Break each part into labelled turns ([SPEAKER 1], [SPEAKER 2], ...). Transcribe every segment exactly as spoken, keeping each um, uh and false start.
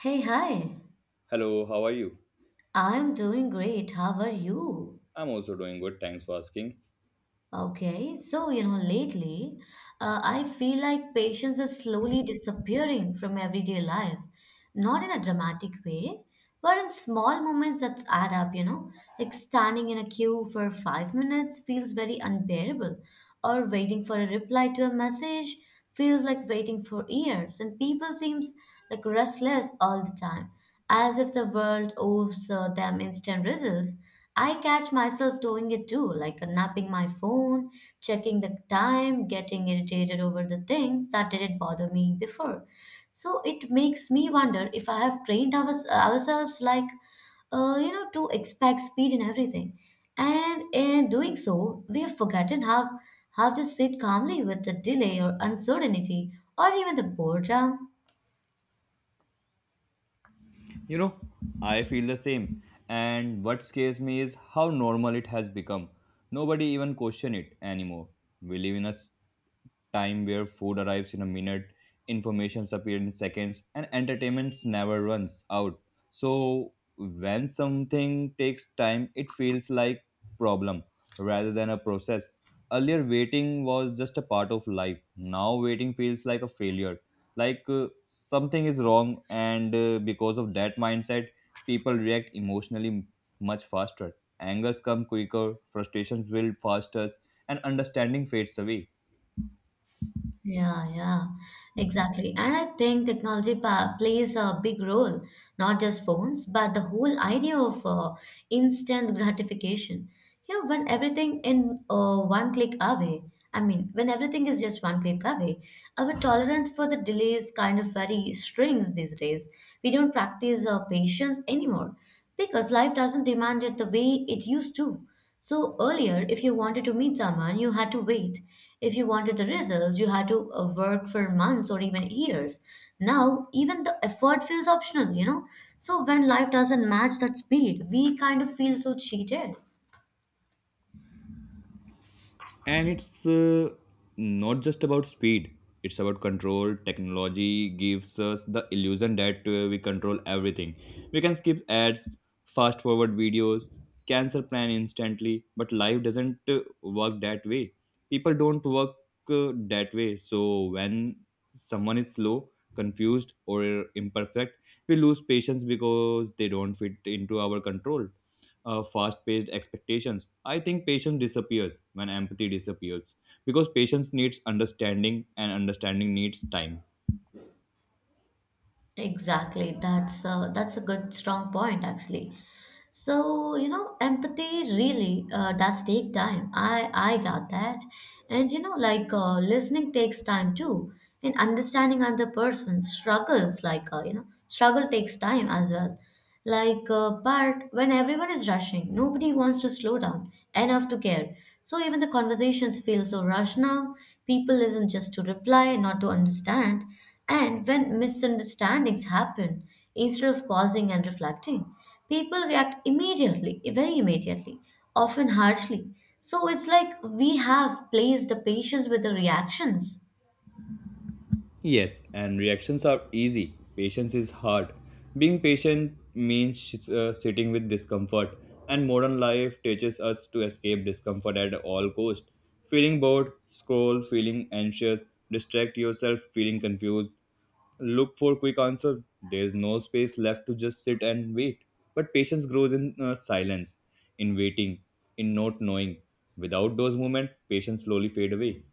[SPEAKER 1] Hey, hi.
[SPEAKER 2] Hello, how are you?
[SPEAKER 1] I'm doing great. How are you?
[SPEAKER 2] I'm also doing good, thanks for asking.
[SPEAKER 1] Okay, so you know, lately, uh, I feel like patients are slowly disappearing from everyday life. Not in a dramatic way, but in small moments that add up, you know. Like standing in a queue for five minutes feels very unbearable, or waiting for a reply to a message feels like waiting for years, and people seems like restless all the time, as if the world owes uh, them instant results. I catch myself doing it too, like napping my phone, checking the time, getting irritated over the things that didn't bother me before. So it makes me wonder if I have trained our, ourselves like, uh, you know, to expect speed in everything. And in doing so, we have forgotten how, how to sit calmly with the delay or uncertainty or even the boredom.
[SPEAKER 2] You know, I feel the same. And what scares me is how normal it has become. Nobody even question it anymore. We live in a s- time where food arrives in a minute, informations appear in seconds, and entertainment never runs out. So when something takes time, it feels like problem rather than a process. Earlier, waiting was just a part of life. Now, waiting feels like a failure, like uh, something is wrong, and uh, because of that mindset, people react emotionally much faster. Angers come quicker, frustrations build faster, and understanding fades away.
[SPEAKER 1] Yeah, yeah, exactly. And I think technology pa plays a big role, not just phones, but the whole idea of uh, instant gratification. You know, when everything in uh, one click away, I mean, When everything is just one click away, our tolerance for the delays kind of very strings these days. We don't practice uh, patience anymore because life doesn't demand it the way it used to. So earlier, if you wanted to meet someone, you had to wait. If you wanted the results, you had to uh, work for months or even years. Now, even the effort feels optional, you know? So when life doesn't match that speed, we kind of feel so cheated.
[SPEAKER 2] And it's uh, not just about speed, it's about control. Technology gives us the illusion that uh, we control everything. We can skip ads, fast forward videos, cancel plan instantly, but life doesn't uh, work that way. People don't work uh, that way. So when someone is slow, confused, or imperfect, we lose patience because they don't fit into our control uh, fast-paced expectations. I think patience disappears when empathy disappears because patience needs understanding and understanding needs time.
[SPEAKER 1] Exactly. That's uh, that's a good strong point actually. So, you know, empathy really uh, does take time. I I got that. And you know, like uh, listening takes time too. And understanding other person struggles, like uh, you know, struggle takes time as well. Like, uh, but when everyone is rushing, nobody wants to slow down enough to care. So even the conversations feel so rushed now. People listen just to reply, not to understand. And when misunderstandings happen, instead of pausing and reflecting people react immediately, very immediately, often harshly. So it's like we have placed the patience with the reactions.
[SPEAKER 2] Yes, and reactions are easy. Patience is hard. Being patient means sh- uh, sitting with discomfort, and modern life teaches us to escape discomfort at all cost. Feeling bored, scroll, feeling anxious, distract yourself, feeling confused, look for quick answer. There's no space left to just sit and wait. But patience grows in uh, silence, in waiting, in not knowing. Without those moments, patience slowly fade away.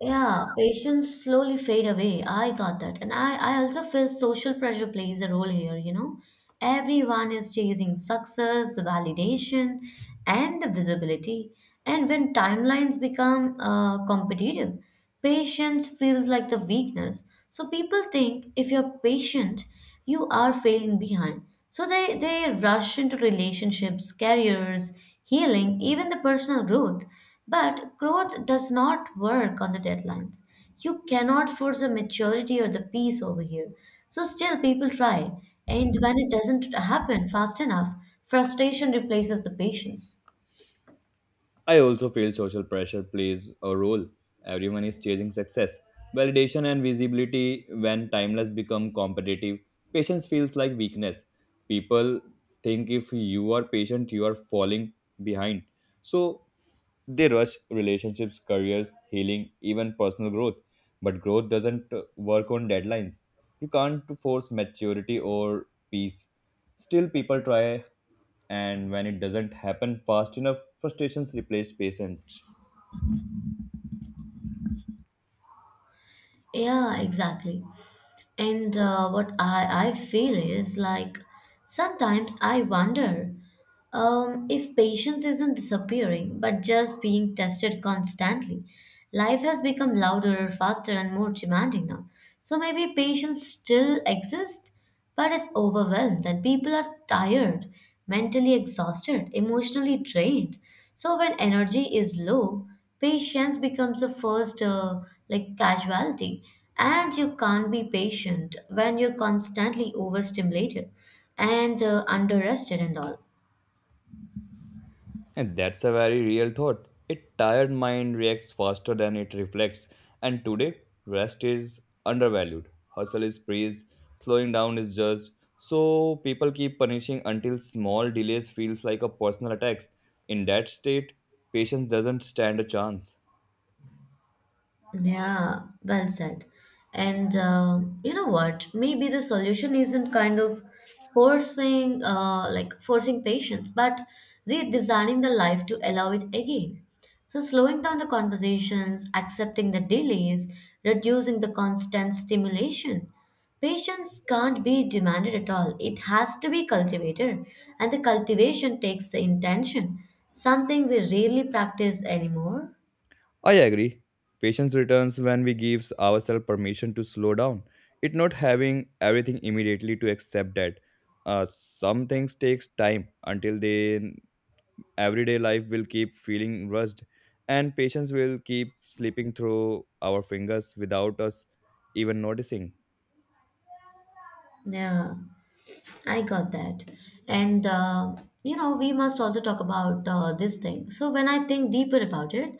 [SPEAKER 1] Yeah, patience slowly fade away. I got that. And I, I also feel social pressure plays a role here, you know. Everyone is chasing success, the validation, and the visibility. And when timelines become uh, competitive, patience feels like the weakness. So people think if you're patient, you are failing behind. So they, they rush into relationships, careers, healing, even the personal growth. But growth does not work on the deadlines. You cannot force the maturity or the peace over here. So still people try. And when it doesn't happen fast enough, frustration replaces the patience.
[SPEAKER 2] I also feel social pressure plays a role. Everyone is chasing success, validation, and visibility. When timeless become competitive, patience feels like weakness. People think if you are patient, you are falling behind. So they rush relationships, careers, healing, even personal growth. But growth doesn't uh, work on deadlines. You can't force maturity or peace. Still, people try and when it doesn't happen fast enough, frustrations replace patience.
[SPEAKER 1] Yeah, exactly. And uh, what I, I feel is like sometimes I wonder um, if patience isn't disappearing, but just being tested constantly, life has become louder, faster, and more demanding now. So maybe patience still exists, but it's overwhelmed, and people are tired, mentally exhausted, emotionally drained. So when energy is low, patience becomes the first uh, like casualty, and you can't be patient when you're constantly overstimulated and uh, underrested and all.
[SPEAKER 2] And that's a very real thought. A tired mind reacts faster than it reflects, and today, rest is undervalued. Hustle is praised, slowing down is judged. So people keep punishing until small delays feels like a personal attack. In that state, patience doesn't stand a chance.
[SPEAKER 1] Yeah, well said. And uh, you know what? Maybe the solution isn't kind of forcing, uh, like forcing patience, but redesigning the life to allow it again. So slowing down the conversations, accepting the delays, reducing the constant stimulation. Patience can't be demanded at all. It has to be cultivated, and the cultivation takes the intention, something we rarely practice anymore.
[SPEAKER 2] I agree. Patience returns when we give ourselves permission to slow down. It's not having everything immediately to accept that. Uh, some things takes time until they everyday life will keep feeling rushed and patience will keep slipping through our fingers without us even noticing.
[SPEAKER 1] Yeah. I got that. And, uh, you know, we must also talk about uh, this thing. So, when I think deeper about it,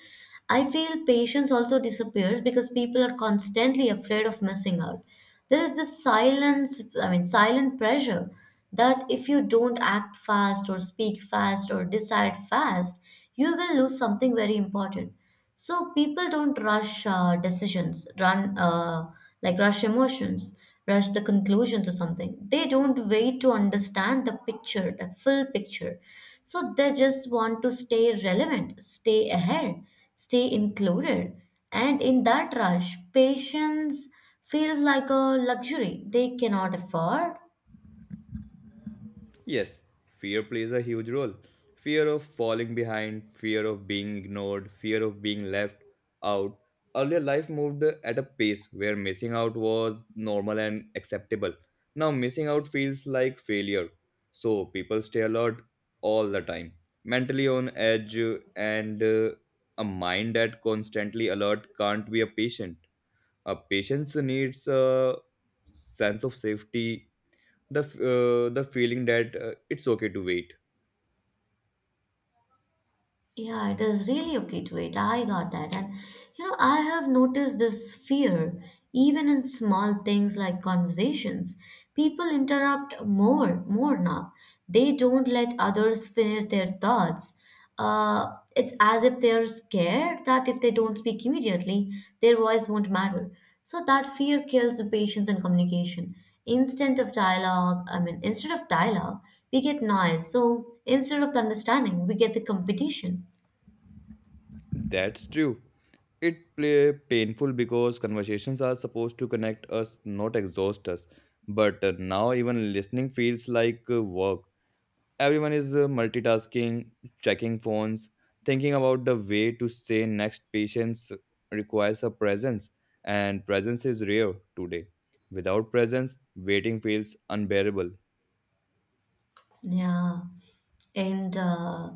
[SPEAKER 1] I feel patience also disappears because people are constantly afraid of missing out. There is this silence, I mean, silent pressure that if you don't act fast or speak fast or decide fast, you will lose something very important. So people don't rush uh, decisions, run uh, like rush emotions, rush the conclusions or something. They don't wait to understand the picture, the full picture. So they just want to stay relevant, stay ahead, stay included. And in that rush, patience feels like a luxury they cannot afford.
[SPEAKER 2] Yes, fear plays a huge role. Fear of falling behind, fear of being ignored, fear of being left out. Earlier, life moved at a pace where missing out was normal and acceptable. Now, missing out feels like failure. So, people stay alert all the time, mentally on edge, and uh, a mind that constantly alert can't be a patient. A patient's needs a sense of safety, the f- uh, the feeling that uh, it's okay to wait.
[SPEAKER 1] Yeah, it is really okay to wait. I got that. And you know, I have noticed this fear even in small things like conversations. People interrupt more, more now. They don't let others finish their thoughts. Uh, it's as if they're scared that if they don't speak immediately, their voice won't matter. So that fear kills the patience and communication. Instead of dialogue, I mean, instead of dialogue, we get noise. So instead of the understanding, we get the competition.
[SPEAKER 2] That's true. It play painful because conversations are supposed to connect us, not exhaust us. But uh, now even listening feels like uh, work. Everyone is uh, multitasking, checking phones, thinking about the way to say next. Patience requires a presence, and presence is rare today. Without presence waiting feels unbearable.
[SPEAKER 1] Yeah. And uh,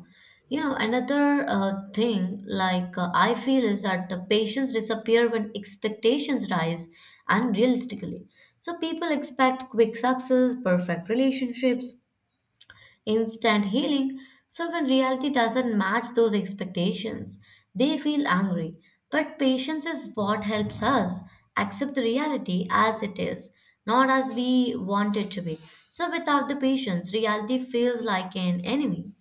[SPEAKER 1] you know, another uh, thing like uh, I feel is that the patients disappear when expectations rise unrealistically. So people expect quick success, perfect relationships, instant healing. So when reality doesn't match those expectations, they feel angry. But patience is what helps us accept the reality as it is, not as we want it to be. So without the patience, reality feels like an enemy.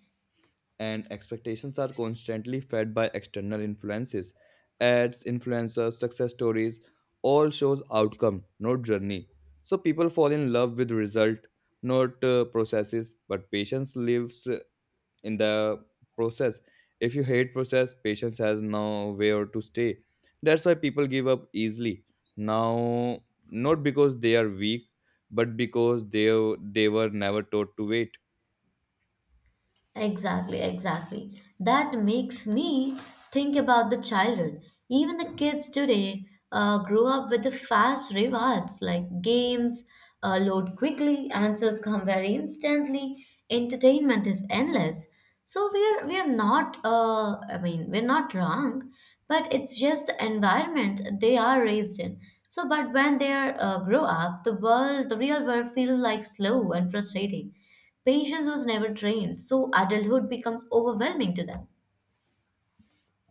[SPEAKER 2] And expectations are constantly fed by external influences, ads, influencers, success stories. All shows outcome, not journey. So people fall in love with result, not uh, processes. But patience lives uh, in the process. If you hate process, patience has no where to stay. That's why people give up easily now, not because they are weak, but because they they were never taught to wait.
[SPEAKER 1] Exactly, exactly. That makes me think about the childhood. Even the kids today uh, grow up with the fast rewards like games, uh, load quickly, answers come very instantly, entertainment is endless. So we're we're not uh, I mean we're not wrong, but it's just the environment they are raised in. So but when they are uh, grow up, the world, the real world feels like slow and frustrating. Patience was never trained, so adulthood becomes overwhelming to them.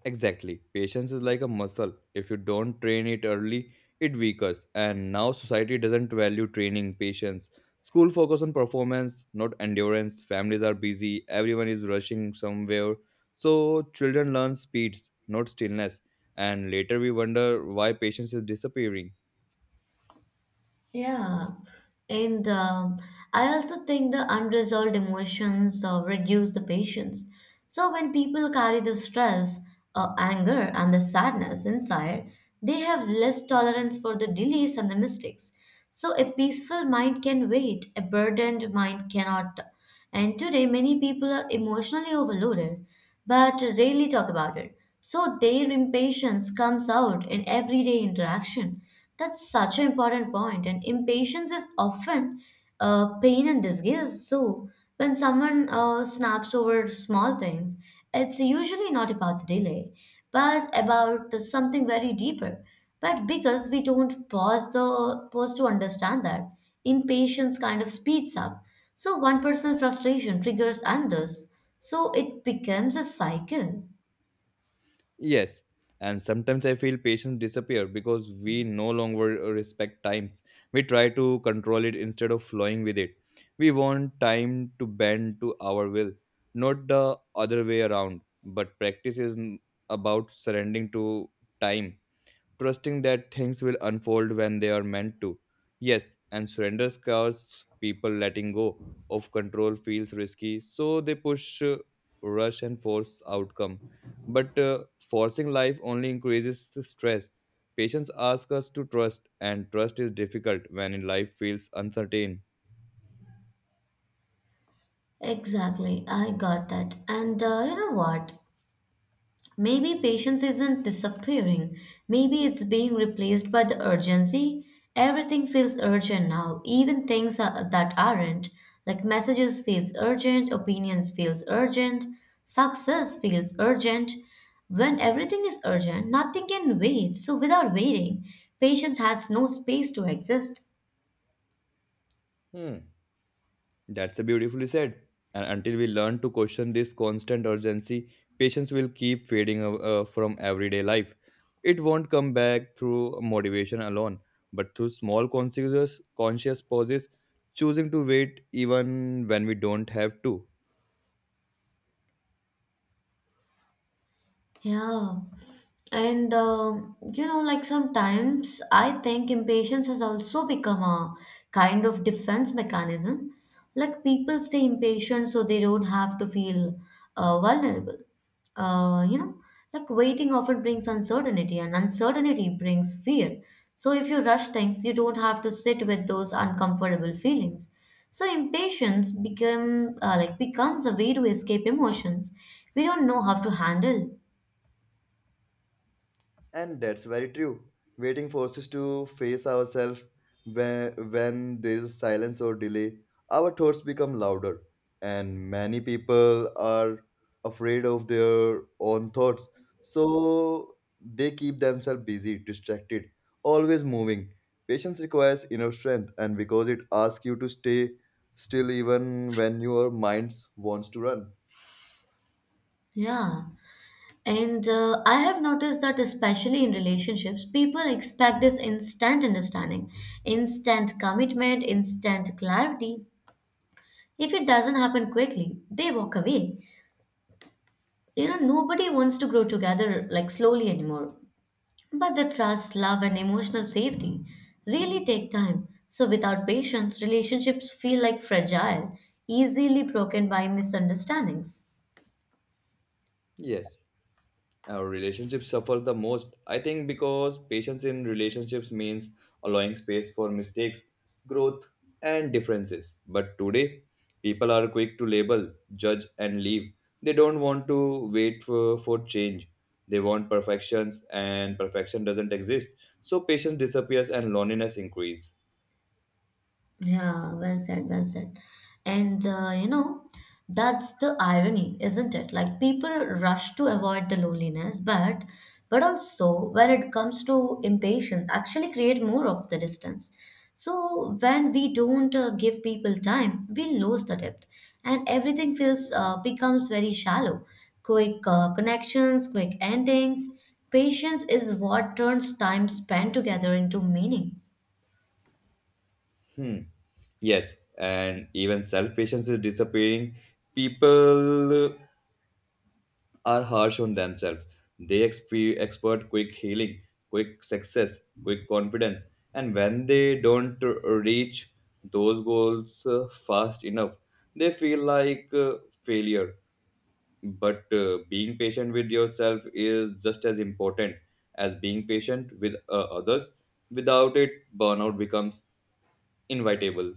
[SPEAKER 2] Exactly. Patience is like a muscle. If you don't train it early, it weakens. And now society doesn't value training patience. School focus on performance, not endurance. Families are busy. Everyone is rushing somewhere. So children learn speeds, not stillness. And later we wonder why patience is disappearing.
[SPEAKER 1] Yeah, and um, I also think the unresolved emotions uh, reduce the patience. So when people carry the stress, uh, anger, and the sadness inside, they have less tolerance for the delays and the mistakes. So a peaceful mind can wait, a burdened mind cannot. And today, many people are emotionally overloaded but rarely talk about it. So, their impatience comes out in everyday interaction. That's such an important point, point. And impatience is often uh, pain and disgust. So, when someone uh, snaps over small things, it's usually not about the delay, but about something very deeper. But because we don't pause the pause to understand that, impatience kind of speeds up so one person's frustration triggers others, so it becomes a cycle.
[SPEAKER 2] Yes, and sometimes I feel patience disappear because we no longer respect times. We try to control it instead of flowing with it. We want time to bend to our will, not the other way around. But practice is n- about surrendering to time, trusting that things will unfold when they are meant to. Yes, and surrender scares people. Letting go of control feels risky, so they push, uh, rush, and force outcome. But uh, forcing life only increases the stress. Patients ask us to trust, and trust is difficult when life feels uncertain.
[SPEAKER 1] Exactly, I got that. And uh, you know what? Maybe patience isn't disappearing. Maybe it's being replaced by the urgency. Everything feels urgent now, even things are, that aren't. Like messages feels urgent, opinions feels urgent, success feels urgent. When everything is urgent, nothing can wait. So without waiting, patience has no space to exist.
[SPEAKER 2] Hmm. That's a beautifully said. And until we learn to question this constant urgency, patience will keep fading uh, uh, from everyday life. It won't come back through motivation alone, but through small conscious, conscious pauses, choosing to wait even when we don't have to.
[SPEAKER 1] Yeah. And um, you know, like sometimes I think impatience has also become a kind of defense mechanism. Like people stay impatient so they don't have to feel uh, vulnerable. Uh, you know, like waiting often brings uncertainty, and uncertainty brings fear. So if you rush things, you don't have to sit with those uncomfortable feelings. So impatience become uh, like becomes a way to escape emotions we don't know how to handle.
[SPEAKER 2] And that's very true. Waiting forces to face ourselves when, when there is silence or delay. Our thoughts become louder, and many people are afraid of their own thoughts. So they keep themselves busy, distracted, always moving. Patience requires inner strength, and because it asks you to stay still even when your mind wants to run.
[SPEAKER 1] Yeah. And uh, I have noticed that, especially in relationships, people expect this instant understanding, instant commitment, instant clarity. If it doesn't happen quickly, they walk away. You know, nobody wants to grow together like slowly anymore. But the trust, love, and emotional safety really take time. So, without patience, relationships feel like fragile, easily broken by misunderstandings.
[SPEAKER 2] Yes. Our relationships suffer the most, I think, because patience in relationships means allowing space for mistakes, growth, and differences. But today, people are quick to label, judge, and leave. They don't want to wait for, for change. They want perfections, and perfection doesn't exist. So patience disappears and loneliness increases.
[SPEAKER 1] Yeah, well said, well said. And uh, you know, that's the irony, isn't it? Like people rush to avoid the loneliness, but but also when it comes to impatience, actually create more of the distance. So when we don't uh, give people time, we lose the depth, and everything feels uh, becomes very shallow. Quick uh, connections, quick endings. Patience is what turns time spent together into meaning.
[SPEAKER 2] Hmm. Yes, and even self patience is disappearing. People are harsh on themselves. They expe- expect quick healing, quick success, quick confidence, and when they don't reach those goals uh, fast enough, they feel like uh, failure. But uh, being patient with yourself is just as important as being patient with uh, others. Without it, burnout becomes inevitable.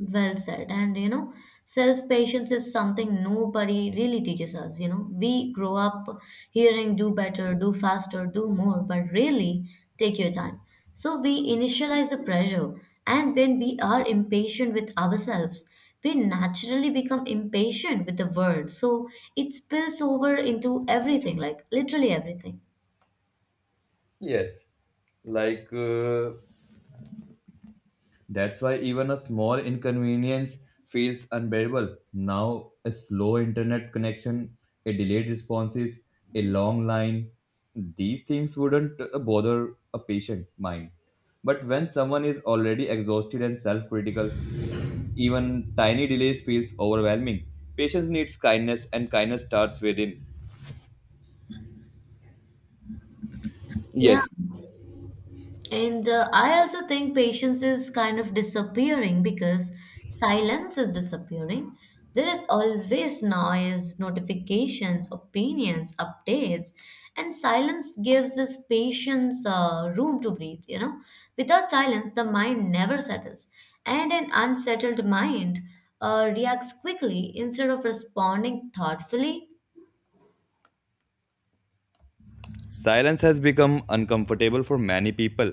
[SPEAKER 1] Well said. And you know, self patience is something nobody really teaches us. You know, we grow up hearing do better, do faster, do more, but really take your time. So we initialize the pressure, and when we are impatient with ourselves, we naturally become impatient with the world. So it spills over into everything, like literally everything.
[SPEAKER 2] Yes, like uh, that's why even a small inconvenience feels unbearable. Now, a slow internet connection, a delayed responses, a long line, these things wouldn't uh, bother a patient mind. But when someone is already exhausted and self critical, even tiny delays feels overwhelming. Patience needs kindness, and kindness starts within.
[SPEAKER 1] Yeah.
[SPEAKER 2] Yes.
[SPEAKER 1] And uh, I also think patience is kind of disappearing because silence is disappearing. There is always noise, notifications, opinions, updates, and silence gives this patience uh, room to breathe. You know, without silence, the mind never settles, and an unsettled mind uh, reacts quickly instead of responding thoughtfully.
[SPEAKER 2] Silence has become uncomfortable for many people.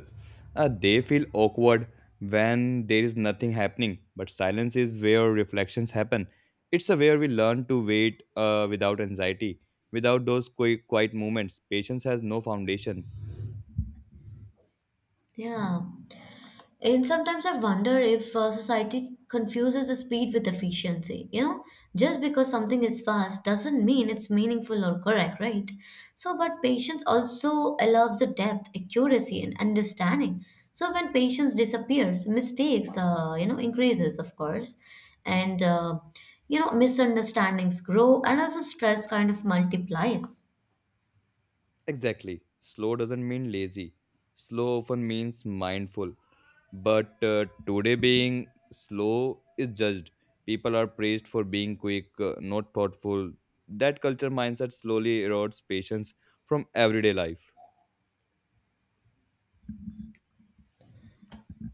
[SPEAKER 2] Uh, they feel awkward when there is nothing happening, but silence is where reflections happen. It's a where we learn to wait uh, without anxiety. Without those qui- quiet moments, patience has no foundation.
[SPEAKER 1] Yeah. And sometimes I wonder if uh, society confuses the speed with efficiency. You know, just because something is fast doesn't mean it's meaningful or correct, right? So, but patience also allows the depth, accuracy, and understanding. So, when patience disappears, mistakes, uh, you know, increases, of course, and uh, you know, misunderstandings grow, and also stress kind of multiplies.
[SPEAKER 2] Exactly. Slow doesn't mean lazy. Slow often means mindful. But uh, today, being slow is judged. People are praised for being quick, uh, not thoughtful. That culture mindset slowly erodes patience from everyday life.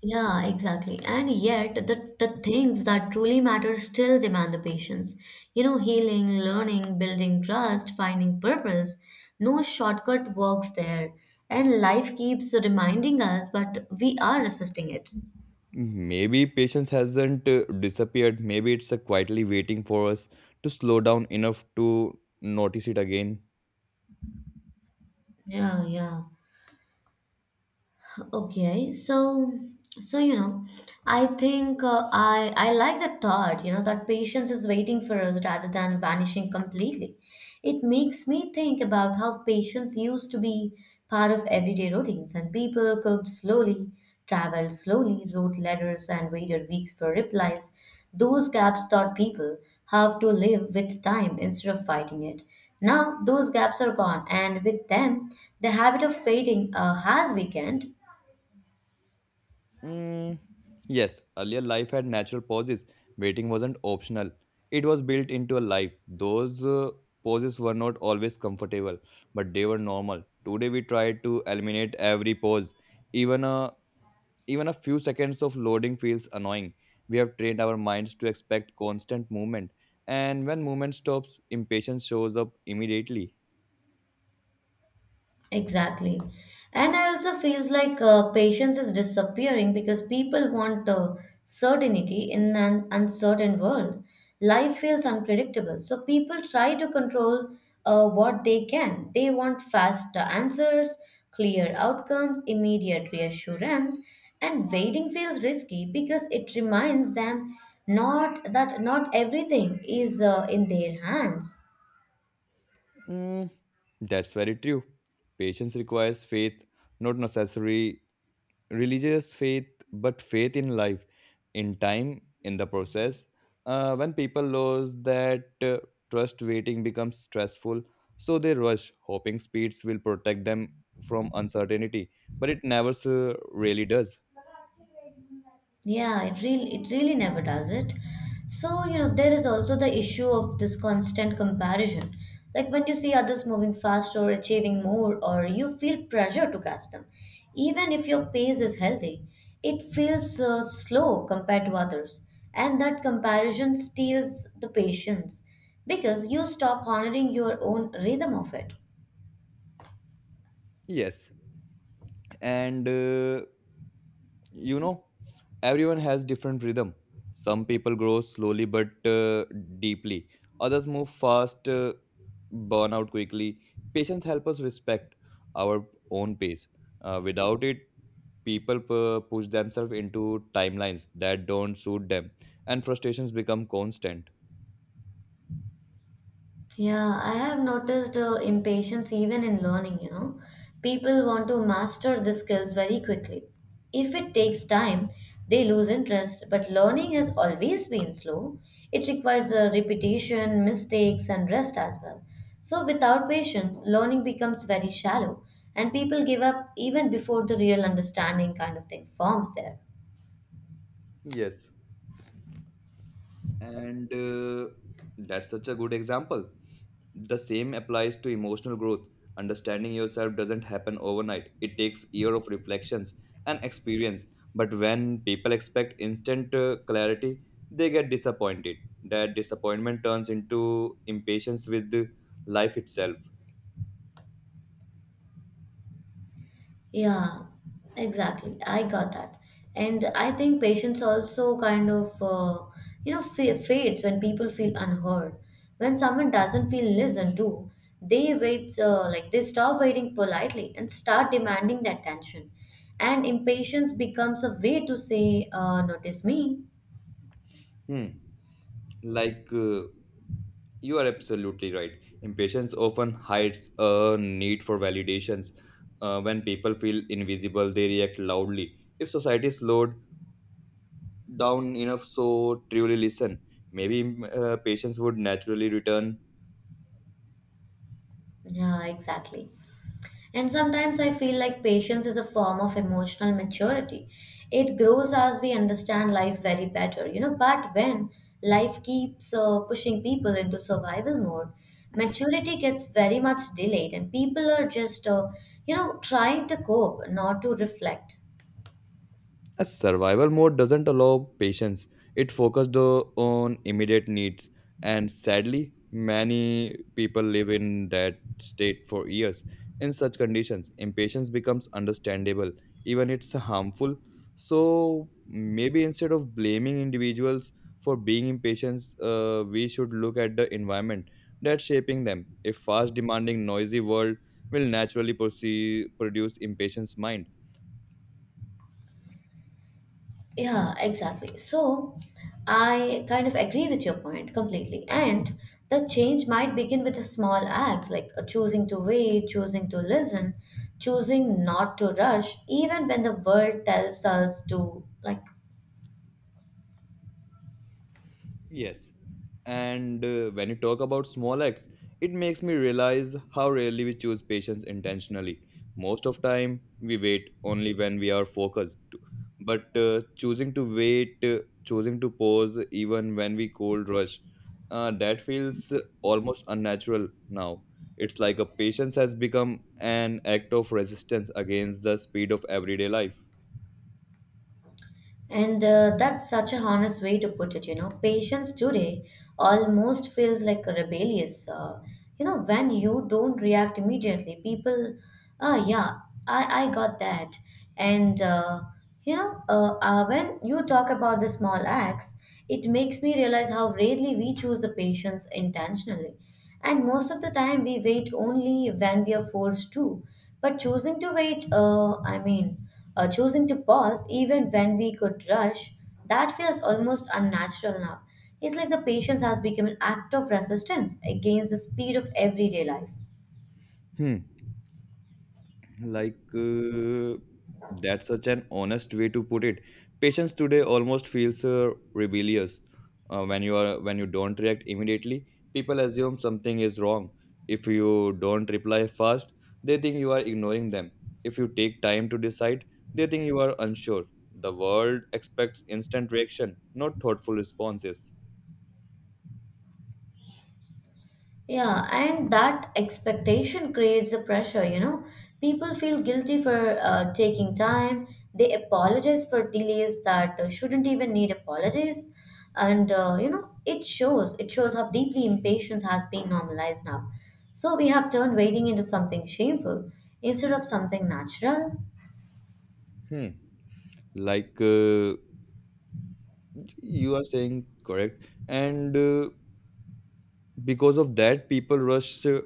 [SPEAKER 1] Yeah, exactly. And yet, the, the things that truly matter still demand the patience. You know, healing, learning, building trust, finding purpose. No shortcut works there. And life keeps reminding us, but we are resisting it.
[SPEAKER 2] Maybe patience hasn't uh, disappeared. Maybe it's uh, quietly waiting for us to slow down enough to notice it again.
[SPEAKER 1] Yeah, yeah. Okay, so so you know, I think uh, I I like that thought. You know that patience is waiting for us rather than vanishing completely. It makes me think about how patience used to be part of everyday routines, and people cooked slowly, traveled slowly, wrote letters, and waited weeks for replies. Those gaps taught people how to live with time instead of fighting it. Now those gaps are gone, and with them, the habit of waiting uh, has weakened.
[SPEAKER 2] Mm, yes, earlier life had natural pauses. Waiting wasn't optional, it was built into a life. Those uh, pauses were not always comfortable, but they were normal. Today, we try to eliminate every pause. Even a, Even a few seconds of loading feels annoying. We have trained our minds to expect constant movement, and when movement stops, impatience shows up immediately.
[SPEAKER 1] Exactly. And I also feels like uh, patience is disappearing because people want uh, certainty in an uncertain world. Life feels unpredictable, so people try to control uh, what they can. They want fast uh, answers, clear outcomes, immediate reassurance, and waiting feels risky because it reminds them not that not everything is uh, in their hands.
[SPEAKER 2] Mm, that's very true. Patience requires faith, not necessary religious faith, but faith in life, in time, in the process. Uh, when people lose that uh, trust, waiting becomes stressful, so they rush, hoping speeds will protect them from uncertainty, but it never uh, really does.
[SPEAKER 1] Yeah, it really it really never does it. So, you know, there is also the issue of this constant comparison. Like when you see others moving faster or achieving more, or you feel pressure to catch them, even if your pace is healthy, it feels uh, slow compared to others. And that comparison steals the patience because you stop honoring your own rhythm of it.
[SPEAKER 2] Yes. And uh, you know everyone has different rhythm. Some people grow slowly but uh, deeply, others move fast, uh, burn out quickly. Patience helps us respect our own pace. Uh, without it, people pu- push themselves into timelines that don't suit them, and frustrations become constant.
[SPEAKER 1] Yeah, I have noticed uh, impatience even in learning, you know. People want to master the skills very quickly. If it takes time, they lose interest, but learning has always been slow. It requires uh, repetition, mistakes, and rest as well. So, without patience, learning becomes very shallow, and people give up even before the real understanding kind of thing forms there.
[SPEAKER 2] Yes. And uh, that's such a good example. The same applies to emotional growth. Understanding yourself doesn't happen overnight. It takes year of reflections and experience. But when people expect instant uh, clarity, they get disappointed. That disappointment turns into impatience with life itself.
[SPEAKER 1] Yeah, exactly. I got that. And I think patience also kind of, uh, you know, fa- fades when people feel unheard. When someone doesn't feel listened to, they wait, uh, like they stop waiting politely and start demanding the attention. And impatience becomes a way to say, uh, notice me.
[SPEAKER 2] Hmm. Like uh, you are absolutely right. Impatience often hides a need for validations. Uh, when people feel invisible, they react loudly. If society slowed down enough so truly listen, maybe mm, uh, patience would naturally return.
[SPEAKER 1] Yeah, exactly. And sometimes I feel like patience is a form of emotional maturity. It grows as we understand life very better, you know. But when life keeps uh, pushing people into survival mode, maturity gets very much delayed, and people are just, uh, you know, trying to cope, not to reflect.
[SPEAKER 2] A survival mode doesn't allow patience. It focused uh, on immediate needs, and sadly, many people live in that state for years. In such conditions, impatience becomes understandable, even it's harmful. So maybe instead of blaming individuals for being impatient, uh, we should look at the environment that's shaping them. A fast, demanding, noisy world will naturally proce- produce impatience mind.
[SPEAKER 1] Yeah, exactly. So I kind of agree with your point completely. And the change might begin with a small act like uh, choosing to wait, choosing to listen, choosing not to rush, even when the world tells us to like.
[SPEAKER 2] Yes. And uh, when you talk about small acts, it makes me realize how rarely we choose patience intentionally. Most of time, we wait only when we are focused. But uh, choosing to wait, uh, choosing to pause, even when we cold rush, uh, that feels almost unnatural now. It's like a patience has become an act of resistance against the speed of everyday life.
[SPEAKER 1] And uh, that's such a honest way to put it, you know. Patience today almost feels like a rebellious. Uh, you know, when you don't react immediately, people, ah, yeah, I, I got that. And, uh, you know, uh, uh, when you talk about the small acts, it makes me realize how rarely we choose the patience intentionally. And most of the time, we wait only when we are forced to. But choosing to wait, uh, I mean, uh, choosing to pause even when we could rush, that feels almost unnatural now. It's like the patience has become an act of resistance against the speed of everyday life.
[SPEAKER 2] Hmm. Like, uh, that's such an honest way to put it. Patience today almost feels uh, rebellious. Uh, when you are when you don't react immediately, people assume something is wrong. If you don't reply fast, they think you are ignoring them. If you take time to decide, they think you are unsure. The world expects instant reaction, not thoughtful responses.
[SPEAKER 1] Yeah, and that expectation creates a pressure, you know. People feel guilty for uh, taking time. They apologize for delays that uh, shouldn't even need apologies. And, uh, you know, it shows. It shows how deeply impatience has been normalized now. So we have turned waiting into something shameful instead of something natural.
[SPEAKER 2] Hmm. Like uh, you are saying correct, and uh, because of that, people rush uh,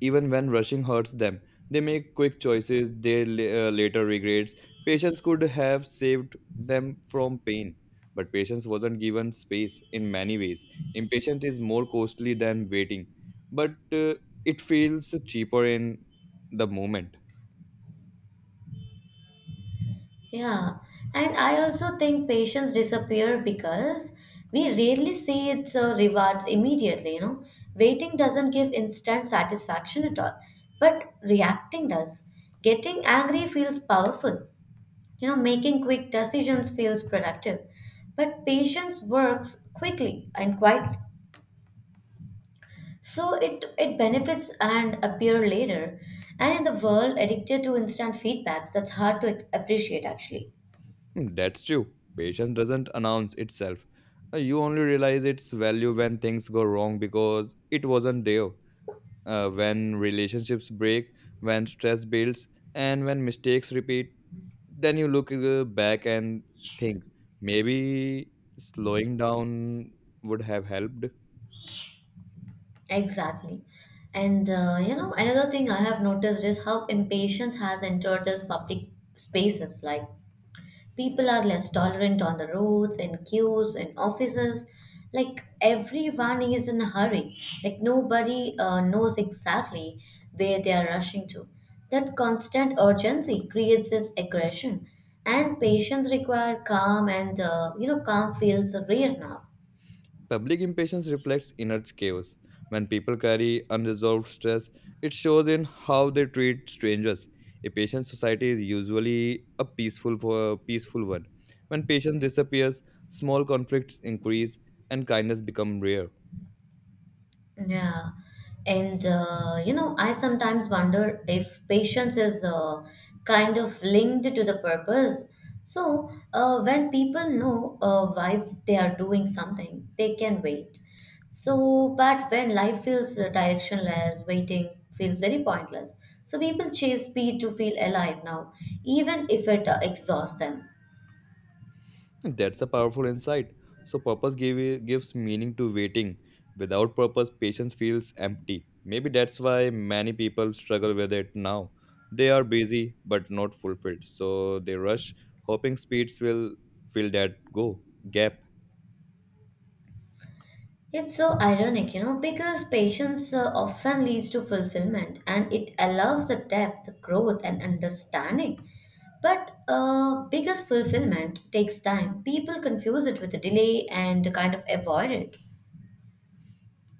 [SPEAKER 2] even when rushing hurts them. They make quick choices they la- uh, later regrets. Patience could have saved them from pain, but patience wasn't given space in many ways. Impatience is more costly than waiting, but uh, it feels cheaper in the moment.
[SPEAKER 1] Yeah, and I also think patients disappear because we rarely see its uh, rewards immediately, you know. Waiting doesn't give instant satisfaction at all, but reacting does. Getting angry feels powerful, you know, making quick decisions feels productive. But patience works quickly and quietly. So it, it benefits and appear later. And in the world addicted to instant feedbacks, that's hard to appreciate actually.
[SPEAKER 2] Hmm. That's true. Patience doesn't announce itself. Uh, You only realize its value when things go wrong because it wasn't there. Uh, when relationships break, when stress builds, and when mistakes repeat, then you look uh, back and think maybe slowing down would have helped.
[SPEAKER 1] Exactly. And uh, you know, another thing I have noticed is how impatience has entered these public spaces. Like people are less tolerant on the roads, in queues, in offices. Like everyone is in a hurry. Like nobody uh, knows exactly where they are rushing to. That constant urgency creates this aggression, and patients require calm, and uh, you know, calm feels rare now.
[SPEAKER 2] Public impatience reflects inner chaos. When people carry unresolved stress, it shows in how they treat strangers. A patient society is usually a peaceful for peaceful one. When patience disappears, small conflicts increase and kindness become rare.
[SPEAKER 1] Yeah. And, uh, you know, I sometimes wonder if patience is uh, kind of linked to the purpose. So, uh, when people know uh, why they are doing something, they can wait. So, but when life feels uh, directionless, waiting feels very pointless. So, people chase speed to feel alive now, even if it uh, exhausts them.
[SPEAKER 2] That's a powerful insight. So, purpose give, gives meaning to waiting. Without purpose, patience feels empty. Maybe that's why many people struggle with it now. They are busy but not fulfilled. So, they rush, hoping speeds will fill that go gap.
[SPEAKER 1] It's so ironic, you know, because patience uh, often leads to fulfillment and it allows the depth, growth, and understanding. But uh, because fulfillment takes time, people confuse it with a delay and kind of avoid it.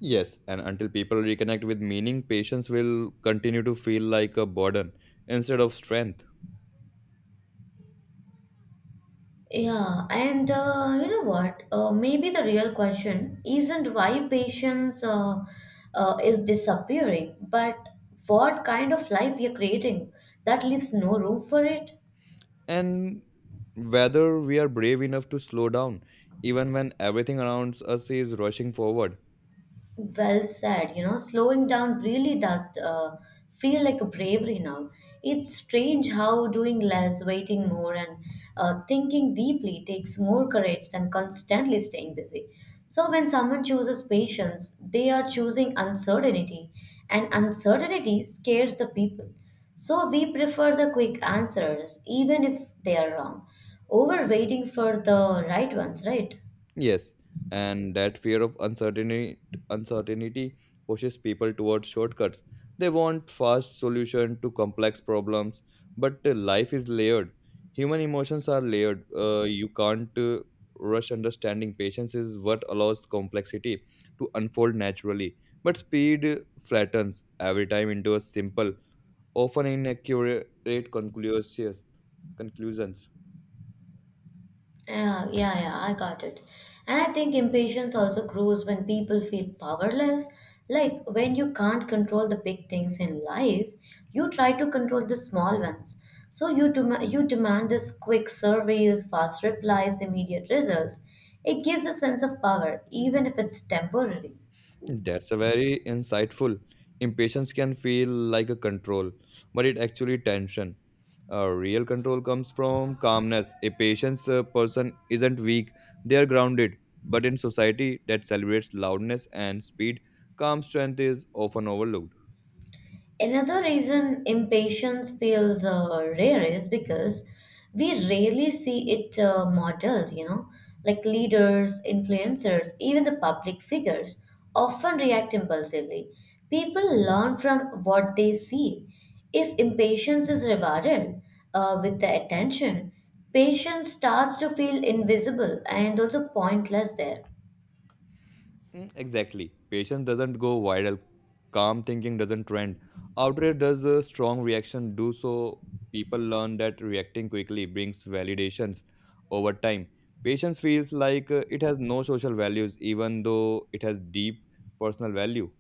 [SPEAKER 2] Yes, and until people reconnect with meaning, patience will continue to feel like a burden instead of strength.
[SPEAKER 1] Yeah, and uh, you know what? Uh, maybe the real question isn't why patience uh, uh, is disappearing, but what kind of life we are creating that leaves no room for it.
[SPEAKER 2] And whether we are brave enough to slow down, even when everything around us is rushing forward.
[SPEAKER 1] Well said. You know, slowing down really does uh, feel like a bravery now. It's strange how doing less, waiting more, and uh, thinking deeply takes more courage than constantly staying busy. So, when someone chooses patience, they are choosing uncertainty, and uncertainty scares the people. So, we prefer the quick answers, even if they are wrong, over waiting for the right ones, right?
[SPEAKER 2] Yes, and that fear of uncertainty uncertainty pushes people towards shortcuts. They want fast solution to complex problems, but uh, life is layered. Human emotions are layered. Uh, you can't uh, rush understanding. Patience is what allows complexity to unfold naturally, but speed uh, flattens every time into a simple, often inaccurate conclusions. Conclusions.
[SPEAKER 1] Yeah, yeah, yeah, I got it. And I think impatience also grows when people feel powerless. Like when you can't control the big things in life, you try to control the small ones. So you dem- you demand this quick surveys, fast replies, immediate results. It gives a sense of power, even if it's temporary.
[SPEAKER 2] That's a very insightful. Impatience can feel like a control, but it actually tension. Uh, real control comes from calmness. A patient uh, person isn't weak; they are grounded. But in society that celebrates loudness and speed, calm strength is often overlooked.
[SPEAKER 1] Another reason impatience feels uh, rare is because we rarely see it uh, modeled, you know, like leaders, influencers, even the public figures often react impulsively. People learn from what they see. If impatience is rewarded uh, with the attention, patience starts to feel invisible and also pointless there.
[SPEAKER 2] Mm, exactly. Patience doesn't go viral. Calm thinking doesn't trend. Outrage does a strong reaction do so. People learn that reacting quickly brings validations over time. Patience feels like uh, it has no social values, even though it has deep personal value.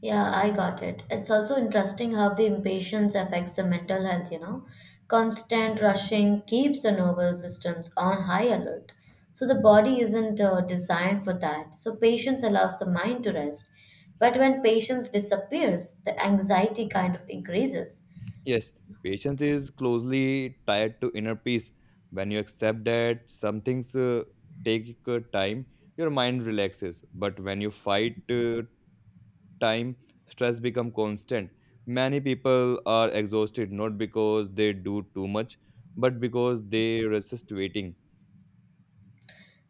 [SPEAKER 1] Yeah, I got it. It's also interesting how the impatience affects the mental health, you know. Constant rushing keeps the nervous systems on high alert. So the body isn't uh, designed for that. So patience allows the mind to rest. But when patience disappears, the anxiety kind of increases.
[SPEAKER 2] Yes, patience is closely tied to inner peace. When you accept that some things uh, take uh, time, your mind relaxes. But when you fight uh, time, stress become constant. Many people are exhausted not because they do too much, but because they resist waiting.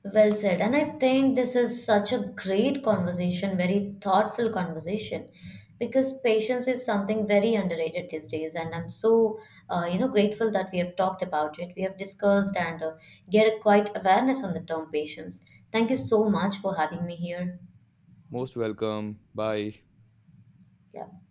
[SPEAKER 1] Well said. And I think this is such a great conversation, very thoughtful conversation, because patience is something very underrated these days. And I'm so, uh, you know, grateful that we have talked about it. We have discussed and uh, get a quite awareness on the term patience. Thank you so much for having me here.
[SPEAKER 2] Most welcome. Bye.
[SPEAKER 1] Yeah.